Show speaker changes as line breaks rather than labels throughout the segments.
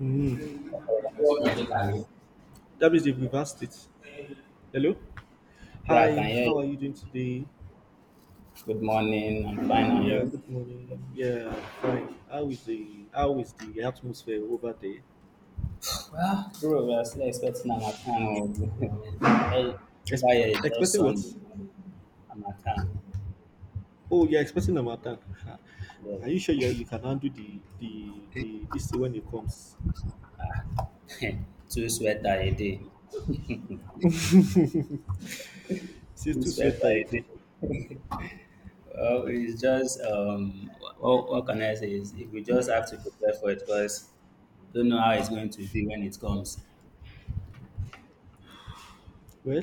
Mhm. That means they've reversed it. Hello?
Yeah, I
Hi,
can hear
how
you.
are you doing today?
Good morning. I'm fine, and
Yeah,
you?
good morning. Yeah, fine. How is the atmosphere over there?
Ah, bro, we are still expecting Harmattan. Oh. Just-
Ex-
Over here is just
Expecting what?
Sunday. Harmattan.
Oh, you're expecting a matter. Are you sure
Yes.
you can handle the this thing when it comes?
Two sweater a day.
Since
Two
too
sweater
sweater it is.
a day. It's just what can I say is if we just have to prepare for it because don't know how it's going to be when it comes.
Well,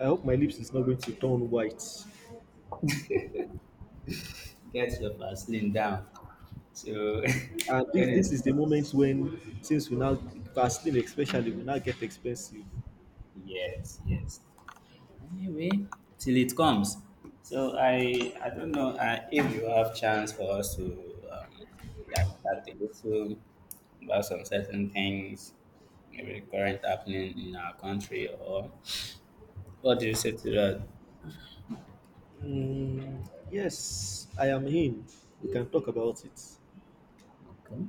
I hope my lips is not going to turn white.
Get your Vaseline down. So
And
when
this
it.
this is the moment when things will now Vaseline especially will now get expensive.
Yes, yes. Anyway, till it comes. So I don't know if you have chance for us to um, chat a little about some certain things, maybe current happening in our country, or what do you say to that?
Mm, yes, I am him. We can talk about it.
Okay.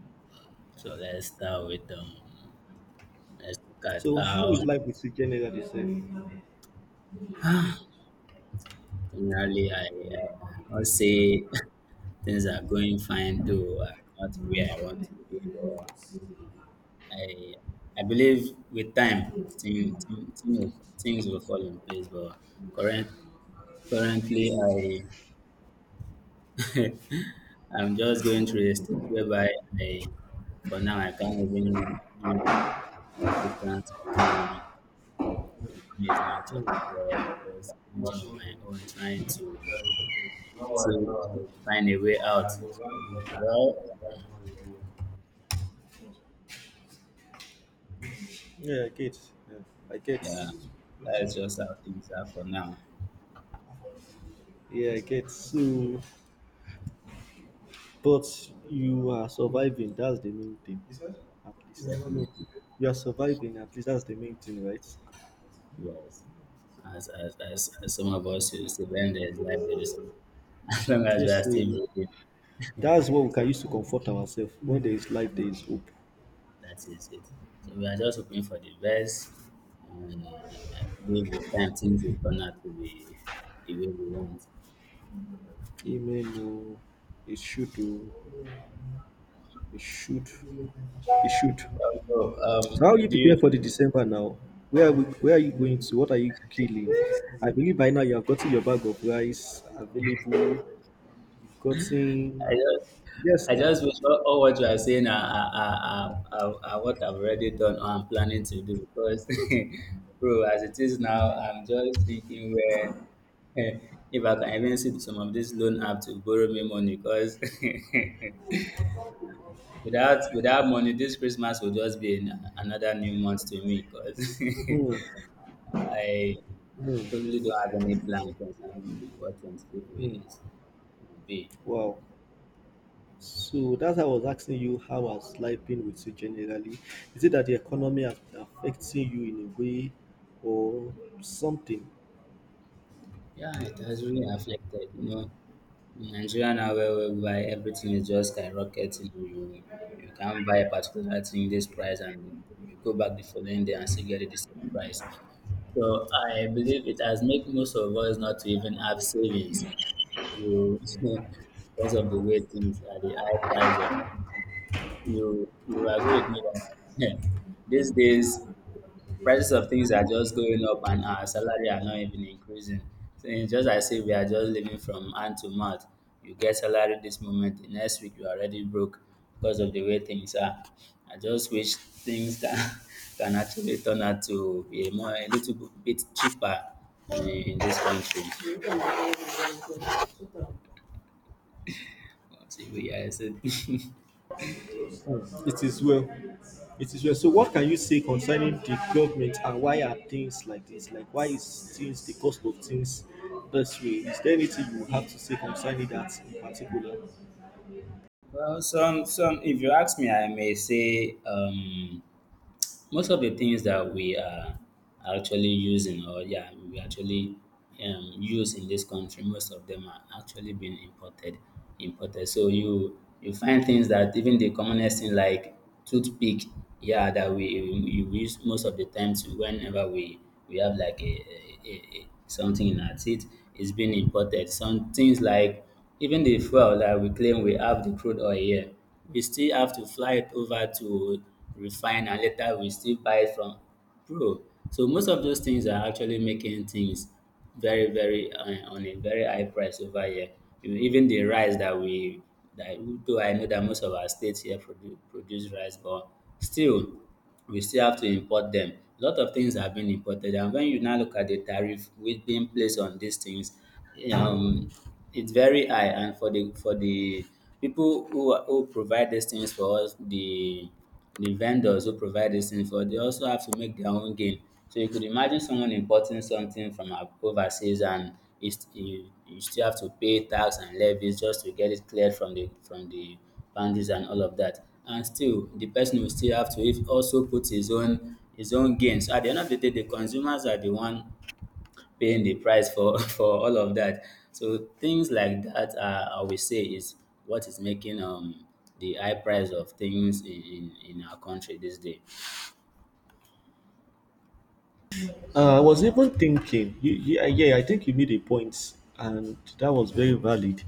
So let's start with let's look at
So, how
how.
is life with you generally, sir?
Generally uh, I'll say things are going fine, though I'm not where I want to be. I I believe with time thing, thing, thing will, things will fall in place. But current, currently, I I'm just going through a stage whereby I, for now, I can't even give assistance to anyone because money is not actually there. I'm just thinking on my own, trying to find a way out. Well,
Yeah, I get. Yeah, I get.
yeah, that's just how things are for now.
Yeah, I get. So, but you are surviving. That's the main thing, at least. No,
Definitely.
you are surviving. At least that's the main thing, right?
Yes. As some of us used to, when there's life there is as long as we are
Yes. So
still breathing.
that's what we
So
can use to comfort ourselves. When there is
that,
life, there is hope.
that is it. So we are just hoping for the best, and I believe with time things will turn out to be the way we want.
Amen, oh. It should, oh. It should. It should.
Also,
So how you prepare
do
for the December now? Where are where are you going to? What are you killing?
you.
I believe by now you have gotten your bag of rice available. You've
I
gotten
just,
yes
I
now.
just wish all what you are saying are what I've already done or I'm planning to do because, bro, as it is now, I'm just thinking where eh, if I can even sit some of this loan app to borrow me money because without money, this Christmas will just be an, another new month to me because
Hmm.
I
Hmm.
totally don't have any plan concerning what 25
Hmm.
is, it will be.
Wow. So that's how I was asking you how has life been with you generally? Is it that the economy has been affecting you in a way or something?
Yeah, it has really affected, you know. In Nigeria now where whereby everything is just skyrocketing. You can't buy a particular thing this price and you go back the following day and still get it the same price. So I believe it has made most of us not to even have savings. You because of the way things are, the high price of. You agree with me that these days prices of things are just going up and our salary are not even increasing. So it's just as if we are just living from hand to mouth. You get salary this moment, the next week you are already broke because of the way things are. I just wish things can, can actually turn out to be a more a little bit cheaper in this country. But yeah,
It is well. It is well. So, what can you say concerning the government and why are things like this? Like, why is things the cost of things this way? Is there anything you have to say concerning that in particular?
well, some if you ask me, I may say most of the things that we are actually using or yeah we actually use in this country, most of them are actually being imported, so you find things that even the commonest thing like toothpick, yeah, that we use most of the times whenever we have like something in our teeth is being imported. Some things like even the fuel that we claim we have the crude oil here, we still have to fly it over to refine and later we still buy it from pro. So most of those things are actually making things very on a very high price over here. You know, even the rice that we that, though I know that most of our states here produce rice, but still we still have to import them. A lot of things have been imported, and when you now look at the tariff which being placed on these things, um, it's very high. And for the people who provide these things for us, the vendors who provide these things for us, they also have to make their own gain. So you could imagine someone importing something from overseas and you, you still have to pay tax and levies just to get it cleared from the boundaries and all of that. And still, the person will still have to also put his own gains. At the end of the day, the consumers are the one paying the price for for all of that. So things like that, are, I will say, is what is making the high price of things in in our country this day.
I was even thinking, you, yeah, yeah, I think you made a point, and that was very valid.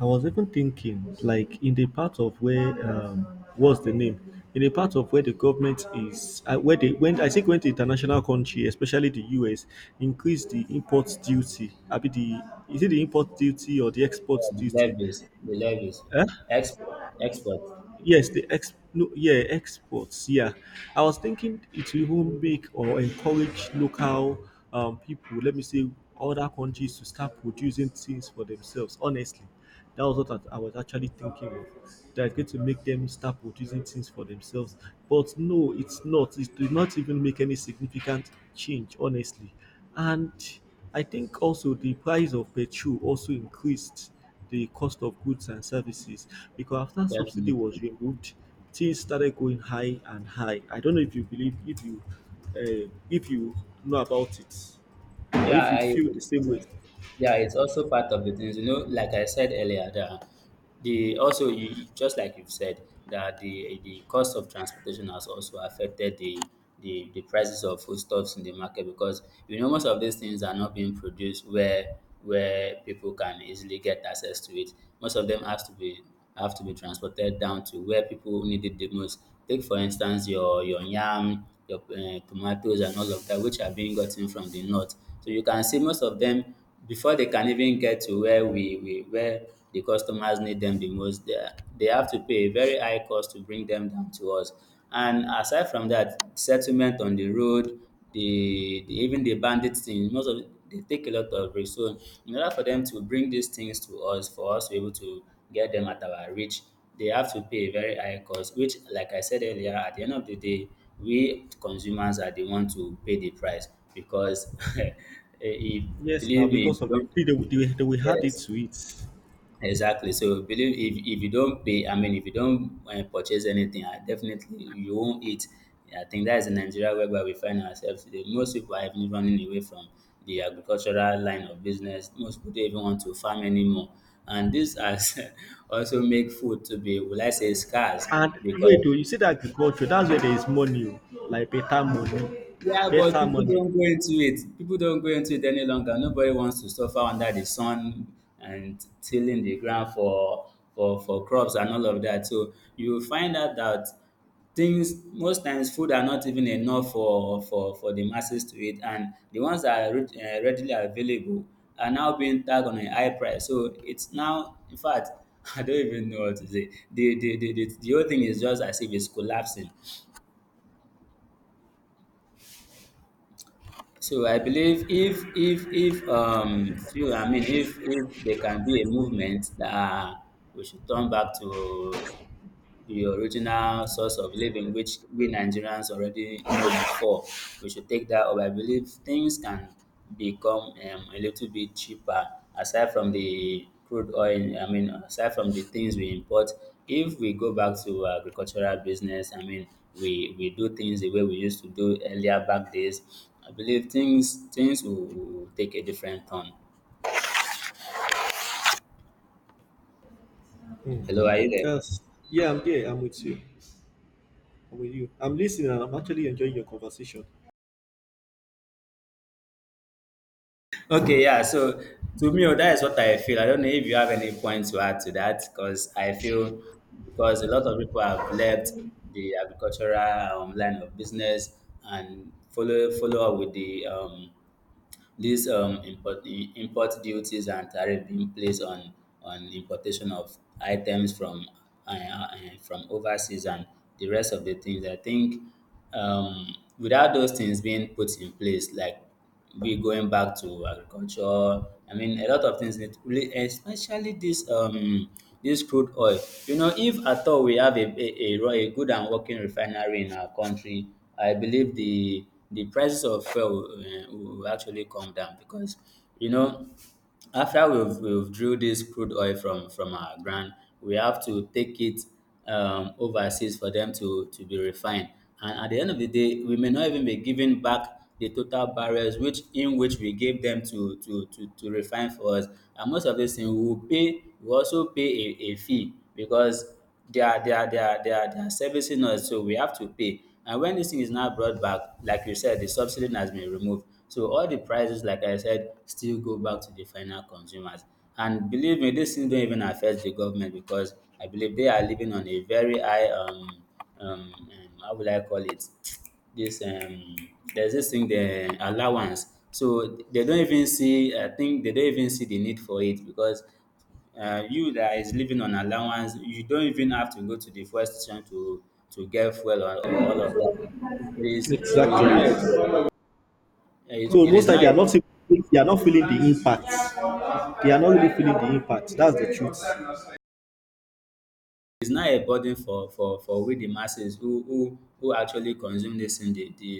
I was even thinking, like in the part of where, what's the name? In the part of where the government is, where they when I think when the international country, especially the US, increased the import duty. I mean the is it the import duty or the
Yeah,
export duty?
the levies,
Eh?
export, export,
Yes, the ex no, yeah, exports. Yeah, I was thinking it will even make or encourage local people. Let me say other countries to start producing things for themselves. Honestly, that was what I was actually thinking of. That it's going to make them start producing things for themselves. But no, it's not. It did not even make any significant change. Honestly, and I think also the price of petrol also increased the cost of goods and services because after subsidy
definitely.
was removed, things started going high and high. I don't know if you believe if you if you know about it or
Yeah,
if you feel the same
it's,
way.
yeah, it's also part of the things, you know, like I said earlier, the also just like you've said that the cost of transportation has also affected the the prices of foodstuffs in the market because you know most of these things are not being produced where people can easily get access to it. Most of them has to be have to be transported down to where people need it the most. Take for instance your yam, your tomatoes and all of that which are being gotten from the north. So you can see most of them before they can even get to where we where the customers need them the most, they are they have to pay a very high cost to bring them down to us. And aside from that, settlement on the road, the even the bandit thing, most of they take a lot of risk. So in order for them to bring these things to us, for us to be able to get them at our reach, they have to pay a very high cost, which like I said earlier, at the end of the day, we consumers are the ones to pay the price because if,
Yes, now
believe me, if
because
you
some
don't
people they will add it
yes.
to it.
Exactly. So believe if you don't pay, I mean, if you don't purchase anything, I definitely you won't eat. I think that is in Nigeria whereby we find ourselves today. Most people are even running away from the agricultural line of business. Most people don't even want to farm anymore, and this has also make food to be, will I say, scarce
And wait,
because.
oh, you see that agriculture, that's where there is money, oh, like better money,
Yeah, but
better
people
money.
don't go into it. People don't go into it any longer. Nobody wants to suffer under the sun and tilling the ground for crops and all of that. So you will find out that things most times food are not even enough for the masses to eat, and the ones that are readily available are now being tagged on a high price. So it's now, in fact, I don't even know what to say. The whole thing is just as if it's collapsing. So I believe if few I mean if there can be a movement that we should turn back to the original source of living, which we Nigerians already know before. We should take that up. I believe things can become a little bit cheaper aside from the crude oil. I mean, aside from the things we import, if we go back to agricultural business, I mean, we do things the way we used to do earlier back days. I believe will take a different turn.
Hmm.
Hello, are you there?
Yes. Yeah, I'm there. I'm with you. I'm with you. I'm listening and I'm actually enjoying your conversation.
Okay, yeah. So to me, oh, that is what I feel. I don't know if you have any points to add to that, because I feel because a lot of people have left the agricultural line of business and follow up with the import duties and tariffs being placed on importation of items uh, uh, from overseas and the rest of the things. I think without those things being put in place, like we going back to agriculture. I mean, a lot of things need really, especially this this crude oil. You know, if at all we have a good and working refinery in our country, I believe the prices of fuel will, will actually come down because you know after we've drew this crude oil from our ground, we have to take it overseas for them to be refined. And at the end of the day, we may not even be giving back the total barrels which in which we gave them to refine for us. And most of these things we will pay, we also pay a fee because they are they are they are they are they are servicing us, so we have to pay. And when this thing is now brought back, like you said, the subsidy has been removed, so all the prices, like I said, still go back to the final consumers. And believe me, this thing don't even affect the government because I believe they are living on a very high how will I call it, this there's this thing, the allowance. So they don't even see, I think they don't even see the need for it, because you that is living on allowance, you don't even have to go to the fuel station to get fuel, or all of that. It is
Exactly.
not a,
So
it
most
is
time
not
they are
a
not even- they are not feeling the impact. They are not really feeling the impact. That's the truth.
It's not a burden for we the masses, who actually consume this thing the the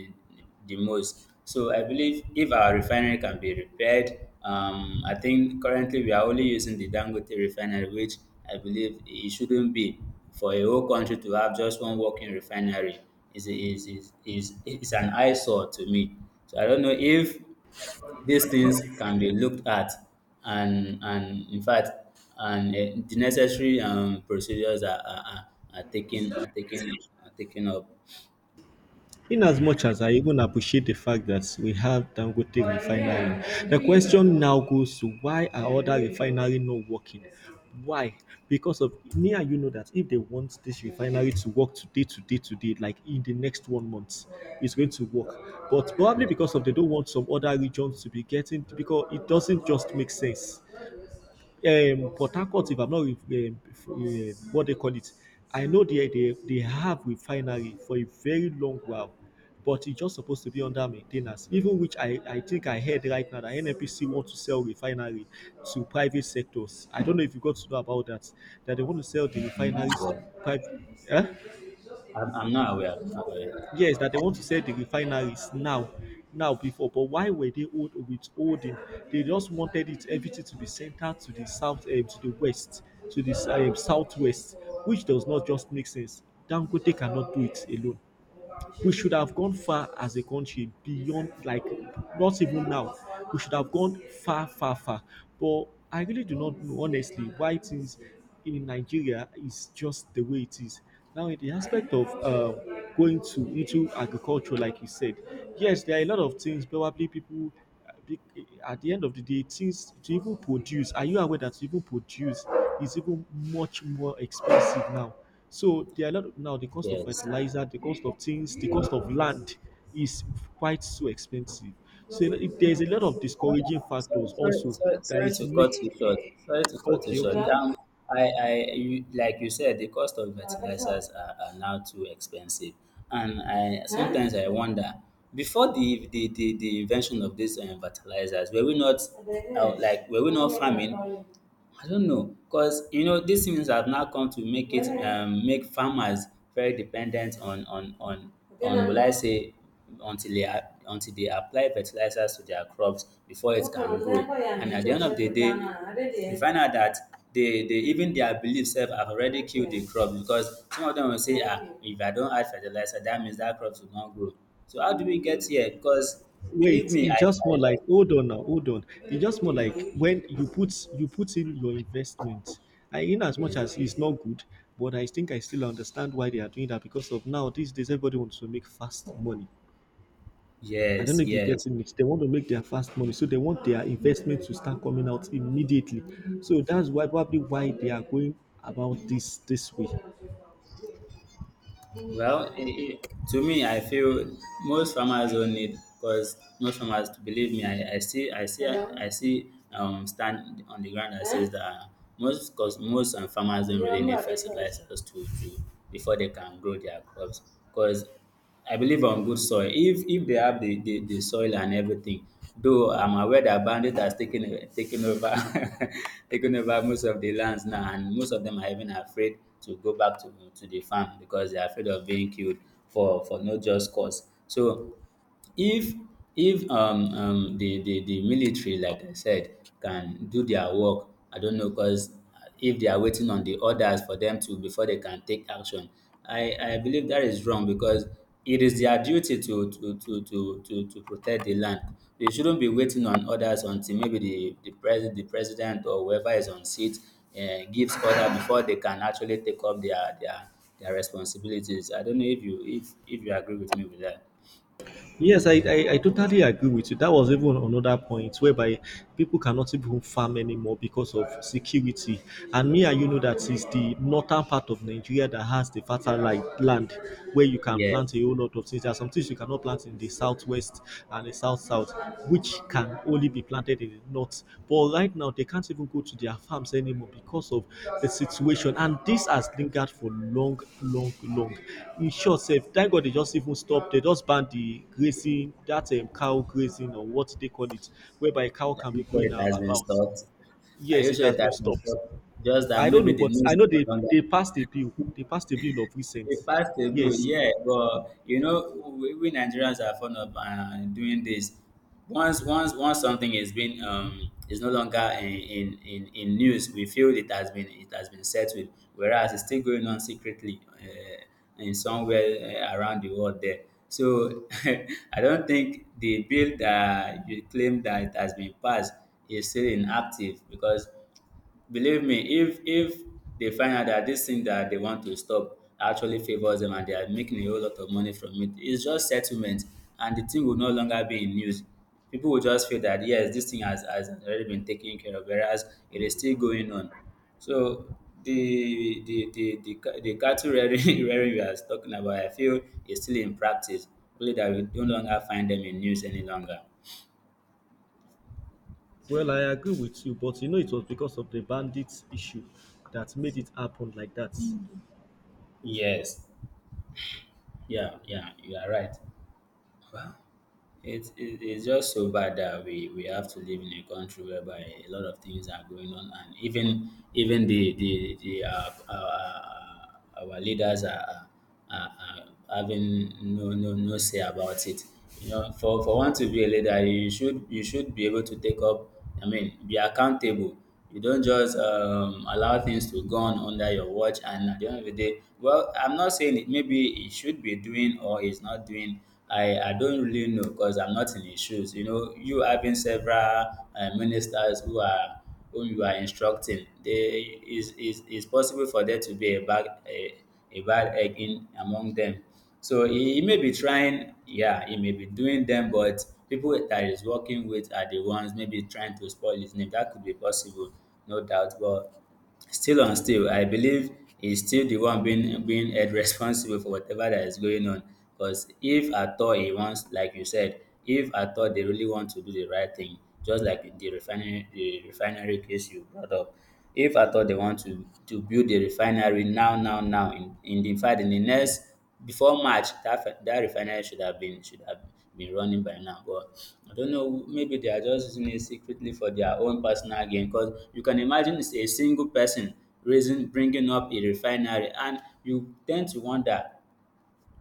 the most. So I believe if our refinery can be repaired, I think currently we are only using the Dangote refinery, which I believe it shouldn't be for a whole country to have just one working refinery. Is an eyesore to me. So I don't know if these things can be looked at, and in fact, the necessary procedures are taken, are taken up.
In as much as I even appreciate the fact that we have Dangote refinery, the question now goes to why are other refinery not working? Why? Because of me and you know that if they want this refinery to work, today, today, today, like in the next 1 month, it's going to work. But probably because
Yes.
of they don't want some other regions to be getting because it doesn't just make sense, Port Harcourt, if I'm not, with what they call it, I know they have refinery for a very long while, but it's just supposed to be under maintenance. Even which I think I heard right now that NNPC want to sell refinery to private sectors. I don't know if you got to know about that. That they want to sell the
No, I'm not
refineries
aware.
to private. Eh?
I'm not aware. Aware.
Yes, that they want to sell the refineries now, now before. But why were withholding? They just wanted it everything to be centered to the south, eh, to the west, to the southwest, which does not just make sense. Dangote cannot do it alone. We should have gone far as a country beyond, like not even now. We should have gone far, but I really do not know, honestly, why things in Nigeria is just the way it is. Now in the aspect of going to into agriculture like you said, yes, there are a lot of things probably people be- at the end of the day, things to even produce, are you aware that to even produce is even much more expensive now? So there are a lot of, now the cost of
Yes.
fertilizer, the cost of things, the cost of land is quite so expensive. So if there's a lot of discouraging factors
Sorry,
also
sorry,
that
sorry,
is
to cut you
make
short. Sorry to cut you
okay,
short. Yeah.
okay.
I, you, like you said, the cost of fertilizers are now too expensive, and I Huh? sometimes I wonder, before the invention of these fertilizers, were we not, like, were we not farming? I don't know, because you know these things have now come to make it make farmers very dependent on will I say until they until they apply fertilizers to their crops before it can grow. And at the end of the day, we find out that they even their beliefs self have already killed the crop, because some of them will say, ah, if I don't add fertilizer, that means that crop will not grow. So how do we get here? Because believe
Wait,
me, I,
it's just more
I,
like hold on now, hold on. It's just more like when you put in your investment. I in as much
I
as it's not good, but I think I still understand why they are doing that because of now these days everybody wants to make fast money. I don't know
yes,
if you're
yes.
getting it. They want to make their fast money, so they want their investment to start coming out immediately. So that's why probably why they are going about this way.
Well, I to me, I feel most farmers don't need, because most farmers, believe me, I see, stand on the ground that says that most, because most farmers don't really need fertilizers to before they can grow their crops. Because I believe on good soil. If they have the, the soil and everything, though I'm aware that bandit has taken over taken over most of the lands now, and most of them are even afraid to go back to the farm because they're afraid of being killed for no just cause. So if the, the military, like I said, can do their work, I don't know, because if they are waiting on the orders for them to, before they can take action, I believe that is wrong because it is their duty to protect the land. They shouldn't be waiting on orders until maybe the the president or whoever is on seat gives order before they can actually take up their responsibilities. I don't know if you, if you agree with me with that.
Yes, I totally agree with you. That was even another point whereby people cannot even farm anymore because of security. And me and you know that is the northern part of Nigeria that has the fertile land where you can
Yes,
plant a whole lot of things. There are some things you cannot plant in the southwest and the south south, which can only be planted in the north. But right now, they can't even go to their farms anymore because of the situation, and this has lingered for long, long, long. In short, sef, thank God they just even stop. They just ban the grazing, that cow grazing or what they call it, whereby a cow
Are
can be
you sure
going
it has been
about.
stopped? Are
Yes,
you
it
sure
has
it has
been
been
stopped.
stopped? Just
I
that
don't
maybe
know,
the
but
news
I
is
know
no
they
longer
they passed a bill. They passed a bill of recent.
they passed a bill,
Yes.
yeah, but you know, we Nigerians are fond of doing this. Once something is been is no longer in, in news, we feel it has been, it has been settled, whereas it's still going on secretly in somewhere around the world there. So I don't think the bill that you claim that it has been passed is still inactive because believe me, if they find out that this thing that they want to stop actually favors them and they are making a whole lot of money from it, it's just settlement, and the thing will no longer be in news. People will just feel that yes, this thing has already been taken care of, whereas it is still going on. So the the cattle rearing, rearing we are talking about, I feel is still in practice. Only that we no longer find them in news any longer.
Well, I agree with you, but you know it was because of the bandits issue that made it happen like that.
Yes. Yeah, yeah, you are right. Well, it's just so bad that we have to live in a country whereby a lot of things are going on, and even the our leaders are, are having no, no say about it. You know, for one to be a leader, you should, you should be able to take up. I mean, be accountable. You don't just allow things to go on under your watch, and at the end of the day, well, I'm not saying it. Maybe he should be doing or he's not doing. I don't really know because I'm not in his shoes. You know, you having several ministers who are, whom you are instructing, they is possible for there to be a bad a bad egg in among them. So he may be trying, yeah, he may be doing them, but people that he's working with are the ones maybe trying to spoil his name. That could be possible, no doubt. But still on still, I believe he's still the one being, being held responsible for whatever that is going on. Because if at all he wants, like you said, if at all they really want to do the right thing, just like the refinery case you brought up, if at all they want to build the refinery now, in the fact in the next before March, that refinery should have been, should have been running by now. But I don't know. Maybe they are just using it secretly for their own personal gain. Because you can imagine it's a single person raising, bringing up a refinery, and you tend to wonder.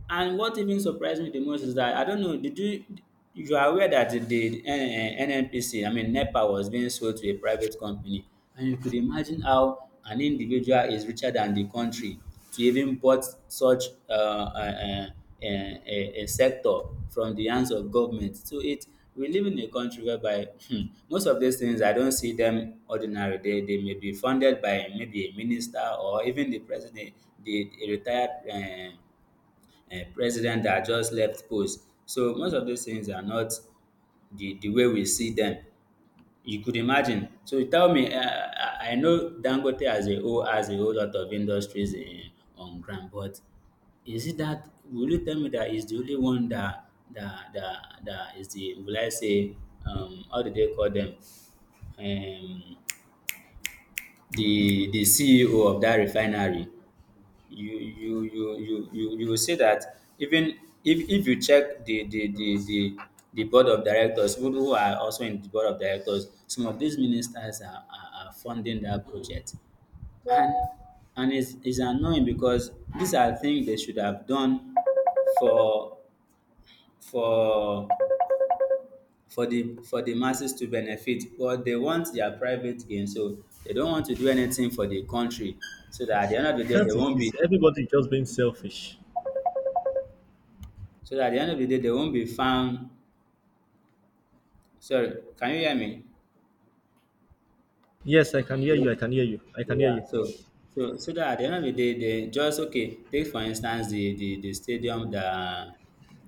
And what even surprised me the most is that I don't know, did you, you are aware that the NNPC, I mean NEPA was being sold to a private company. And you could imagine how an individual is richer than the country to even bought such uh, a sector from the hands of government. So it, we live in a country whereby hmm, most of these things I don't see them ordinary. They may be funded by maybe a minister or even the president, a retired um president that just left post. So most of those things are not the way we see them. You could imagine. So you tell me, I know Dangote as a whole has a whole lot of industries in on ground, but is it that will you tell me that is the only one that is the, will I say, how do they call them, um the CEO of that refinery. You will see that even if you check the the board of directors, who are also in the board of directors, some of these ministers are funding that project. And it's annoying because these are things they should have done for, for for the masses to benefit, but they want their private gain. So they don't want to do anything for the country, so that at the end of the day
That
they
is
won't be
it. Everybody just being selfish.
so that at the end of the day, they won't be found. Sorry, can you hear me?
Yes, I can hear
Hello?
you. I can hear you. I can hear
Yeah.
you.
So that at the end of the day, they just okay. Take for instance the stadium that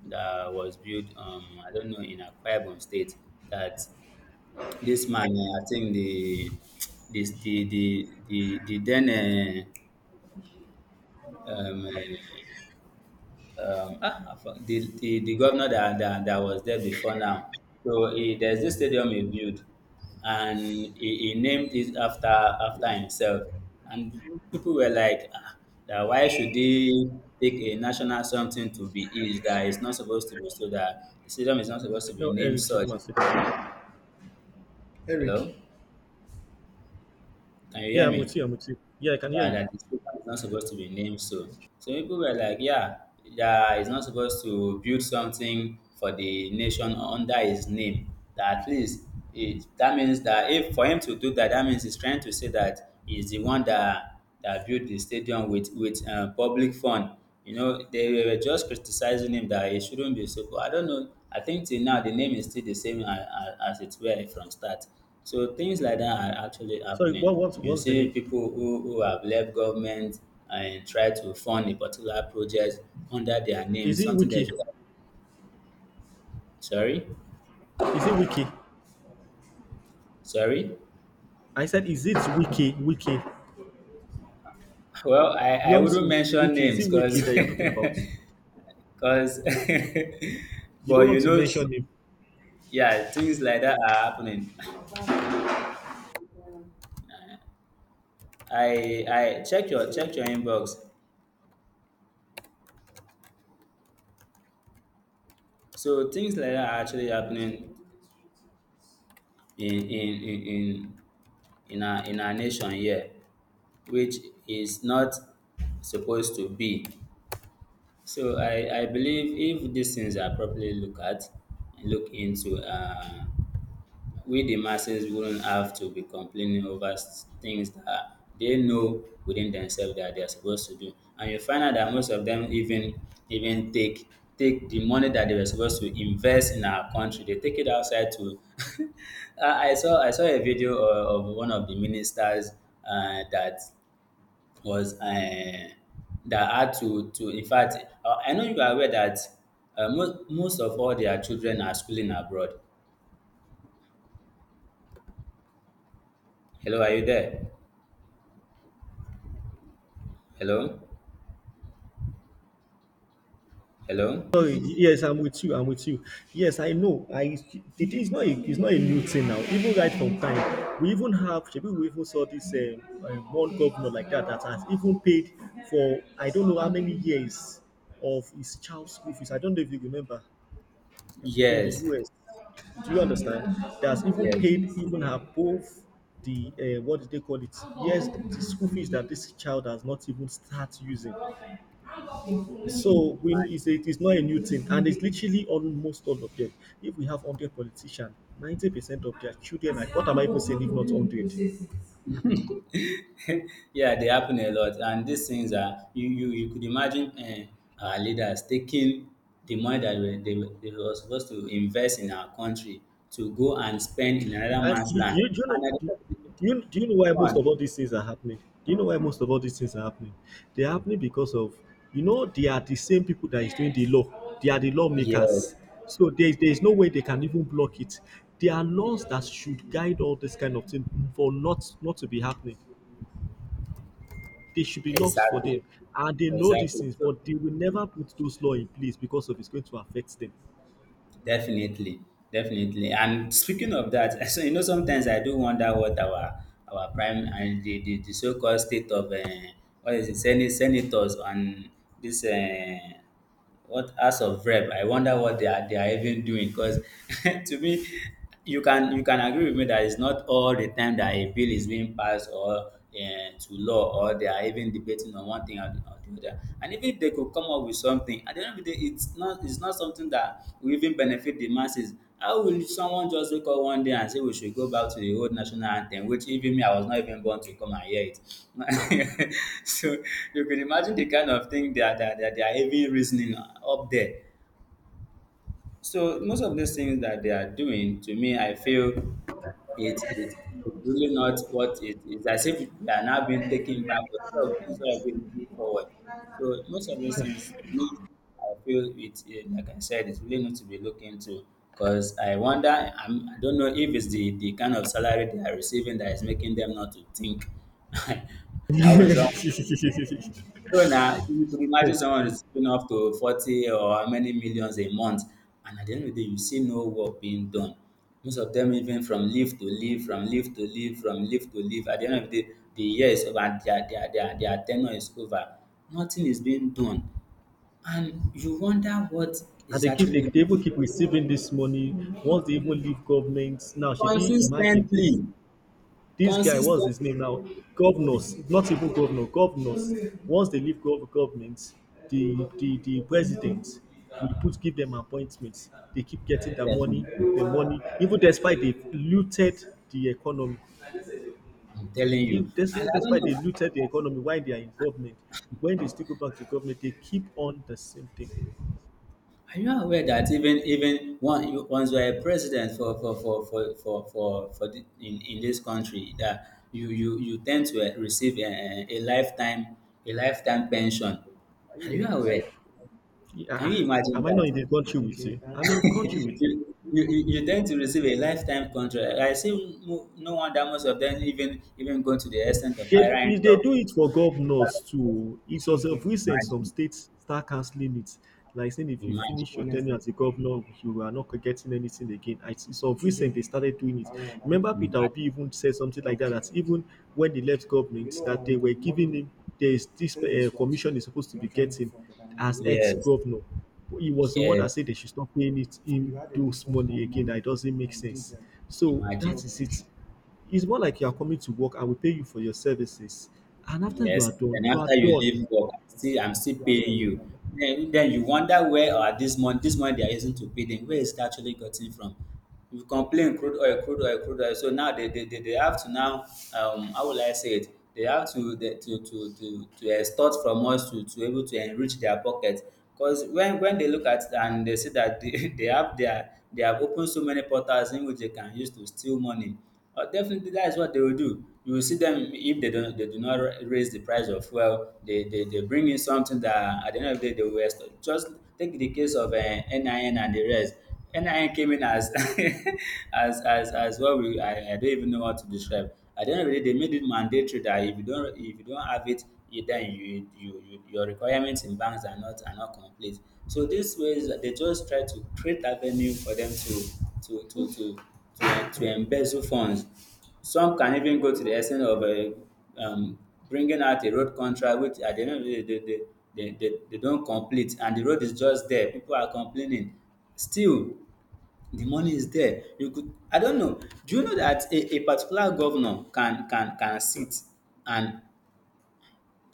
was built. I don't know, in Akwa Ibom State. That this man, I think the, this the then uh, um, uh, I for- the governor that, that was there before now. So there's this stadium he built, and he named it after, after himself. And people were like, ah, that why should they take a national something to be his, that is not supposed to be, so that the stadium is not supposed to be
Tell
named
Eric to
such.
come and sit.
Hello, can you
Yeah,
hear
I'm with
me?
you. I'm with you. Yeah, I can hear
Yeah,
you.
that the station is not supposed to be named so. So people were like, yeah, yeah, he's not supposed to build something for the nation under his name. That at least it, that means that if for him to do that, that means he's trying to say that he's the one that built the stadium with public fund. They were just criticizing him that he shouldn't be so. I don't know. I think till now the name is still the same as it were from start. So things like that are actually
Sorry,
happening. You
what's the
see
name?
people who have left government and try to fund a particular project under their name,
Is it
something they
Wiki?
should have. Sorry?
Is it Wiki?
Sorry?
I said, is it Wiki? Wiki.
Well, I wouldn't
Yomsi
mention
Wiki. Is
names
it
because
Wiki that you're talking about?
because
You
but
don't want to mention him.
yeah, things like that are happening. i I check your inbox. So things like that are actually happening in in our nation here, which is not supposed to be. So I believe if these things are properly looked at, and look into, we the masses wouldn't have to be complaining over things that they know within themselves that they are supposed to do. And you find out that most of them even take the money that they were supposed to invest in our country, they take it outside to. I saw a video of one of the ministers, that was that had to in fact, I know you are aware that most of all their children are schooling abroad. Hello, are you there? Hello, hello.
Sorry, yes, I'm with you. I'm with you. Yes, I know. I It is not it's not a new thing now. Even right from time, we even have people we even saw this one governor like that that has even paid for I don't know how many years of his child's school fees. I don't know if you remember in the
Yes,
US. Do you understand? That's even
yes.
paid even above the what do they call it? Yes, the school fees that this child has not even start using. So we, it's it is not a new thing, and it's literally almost all of them. If we have 100 politicians, 90% of their children, are, what am I even saying if not 100?
Yeah, they happen a lot, and these things are, you could imagine, our leaders taking the money that they were supposed to invest in our country to go and spend in another
And
man's land,
do you know?
and at the end of the day,
Do you know why
go
most
and
of all these things are happening? Do you know why most of all these things are happening? They are happening because of, you know, they are the same people that is doing the law. They are the
yes,
lawmakers. So there is no way they can even block it. There are laws that should guide all this kind of thing for not to be happening. They should be laws for
exactly.
them. And they know these
Exactly.
things,
So
but they will never put those laws in place because of it's going to affect them.
definitely, definitely. And speaking of that, so you know, sometimes I do wonder what our prime and the so-called state of what is it, Senate, senators and this what House of Rep. I wonder what they are even doing because to me, you can agree with me that it's not all the time that a bill is being passed or to law, or they are even debating on one thing or the other. And even if they could come up with something, at the end of the day, it's not something that will even benefit the masses. How will someone just wake up one day and say we should go back to the old national anthem, which even me, I was not even born to come and hear it. So you can imagine the kind of thing that they are even reasoning up there. So most of these things that they are doing, to me, I feel it it it's really not what it is. As if they are now being taken back instead of being moved forward. So most of these things, to me, I feel it. Like I said, it's really not to be looked into. Because I wonder, I don't know if it's the kind of salary they are receiving that is making them not to think. How is was So now you could imagine someone
and
is paying up to 40 or how many millions a month, and at the end of the day, you see no work being done. Most of them even from leave to leave, from leave to leave, from leave to leave. At the end of the day, the year is over, and their tenure is over. Nothing is being done. And you wonder what is actually
they even keep receiving this money once they even leave government. Now, should we imagine this?
consistently,
This guy, what's his
consistently,
name now? Governors, not even governor, governors. Once they leave government, the president will put give them appointments. They keep getting
definitely.
the money, even despite they looted the economy.
I'm telling you.
If this,
And
even
I don't
despite
know.
they looted the economy while they are in government, when they still go back to government, they keep on the same thing.
Are you aware that even one once you are a president for the, in this country that you tend to receive a lifetime pension. Are you aware?
Yeah,
Can
ah,
you imagine
am I not
that?
in the country with you? I'm in
you,
country with you.
you you you tend to receive a lifetime contract. I see no wonder most of them even go to the extent of
They,
hiring
if they
talks.
do it for governors too. It was of recent some
Imagine,
states start cancelling it. Like saying if you
imagine,
finish your tenure as a governor, you are not getting anything again. I see some recent they started doing it. Remember Peter
imagine.
Obi even said something like that, that even when he left government, that they were giving him there is this commission he's supposed to be getting as
Yes,
ex-governor. He was the one that
yes.
said they should stop paying it him those money again. That it doesn't make sense. So
Imagine.
that is it. It's more like you are coming to work and we pay you for your services. And after you
Yes,
are done,
then
you are
after you
done.
leave work, I'm still paying you. Then you wonder where or this month they are using to pay them, where is it actually gotten from? You complain crude oil, crude oil, crude oil. So now they have to now, how will I say it? They have to to extort from us to able to enrich their pocket. Because when they look at it and they see that they, they have opened so many portals in which they can use to steal money. Definitely, that is what they will do. You will see them if they don't, they do not raise the price of fuel. They bring in something that at the end of the day they will waste. Just take the case of NIN and the rest. NIN came in as as what we, I don't even know what to describe. At the end of the day, they made it mandatory that if you don't have it, then your requirements in banks are not complete. So this ways they just try to create avenue for them to to to to embezzle funds. Some can even go to the extent of bringing out a road contract, which at the end of the day, they don't complete, and the road is just there. People are complaining. Still, the money is there. You could, I don't know. Do you know that a particular governor can sit and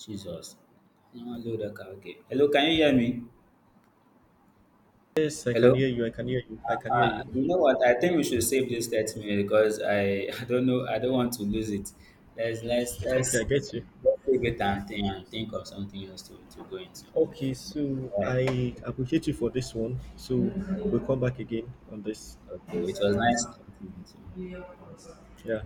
Jesus? No, hello, okay. Hello, can you hear me?
Yes, I can
Hello.
hear you. I can hear you. I can hear you.
You know what? I think we should save this 30 minutes because I, I don't know. I don't want to lose it. Let's let's
Okay,
let's
I get you.
let's save it and think of something else to go into.
Okay, so
All right.
I appreciate you for this one. So we'll come back again on this.
Okay. It was nice talking to you.
Yeah.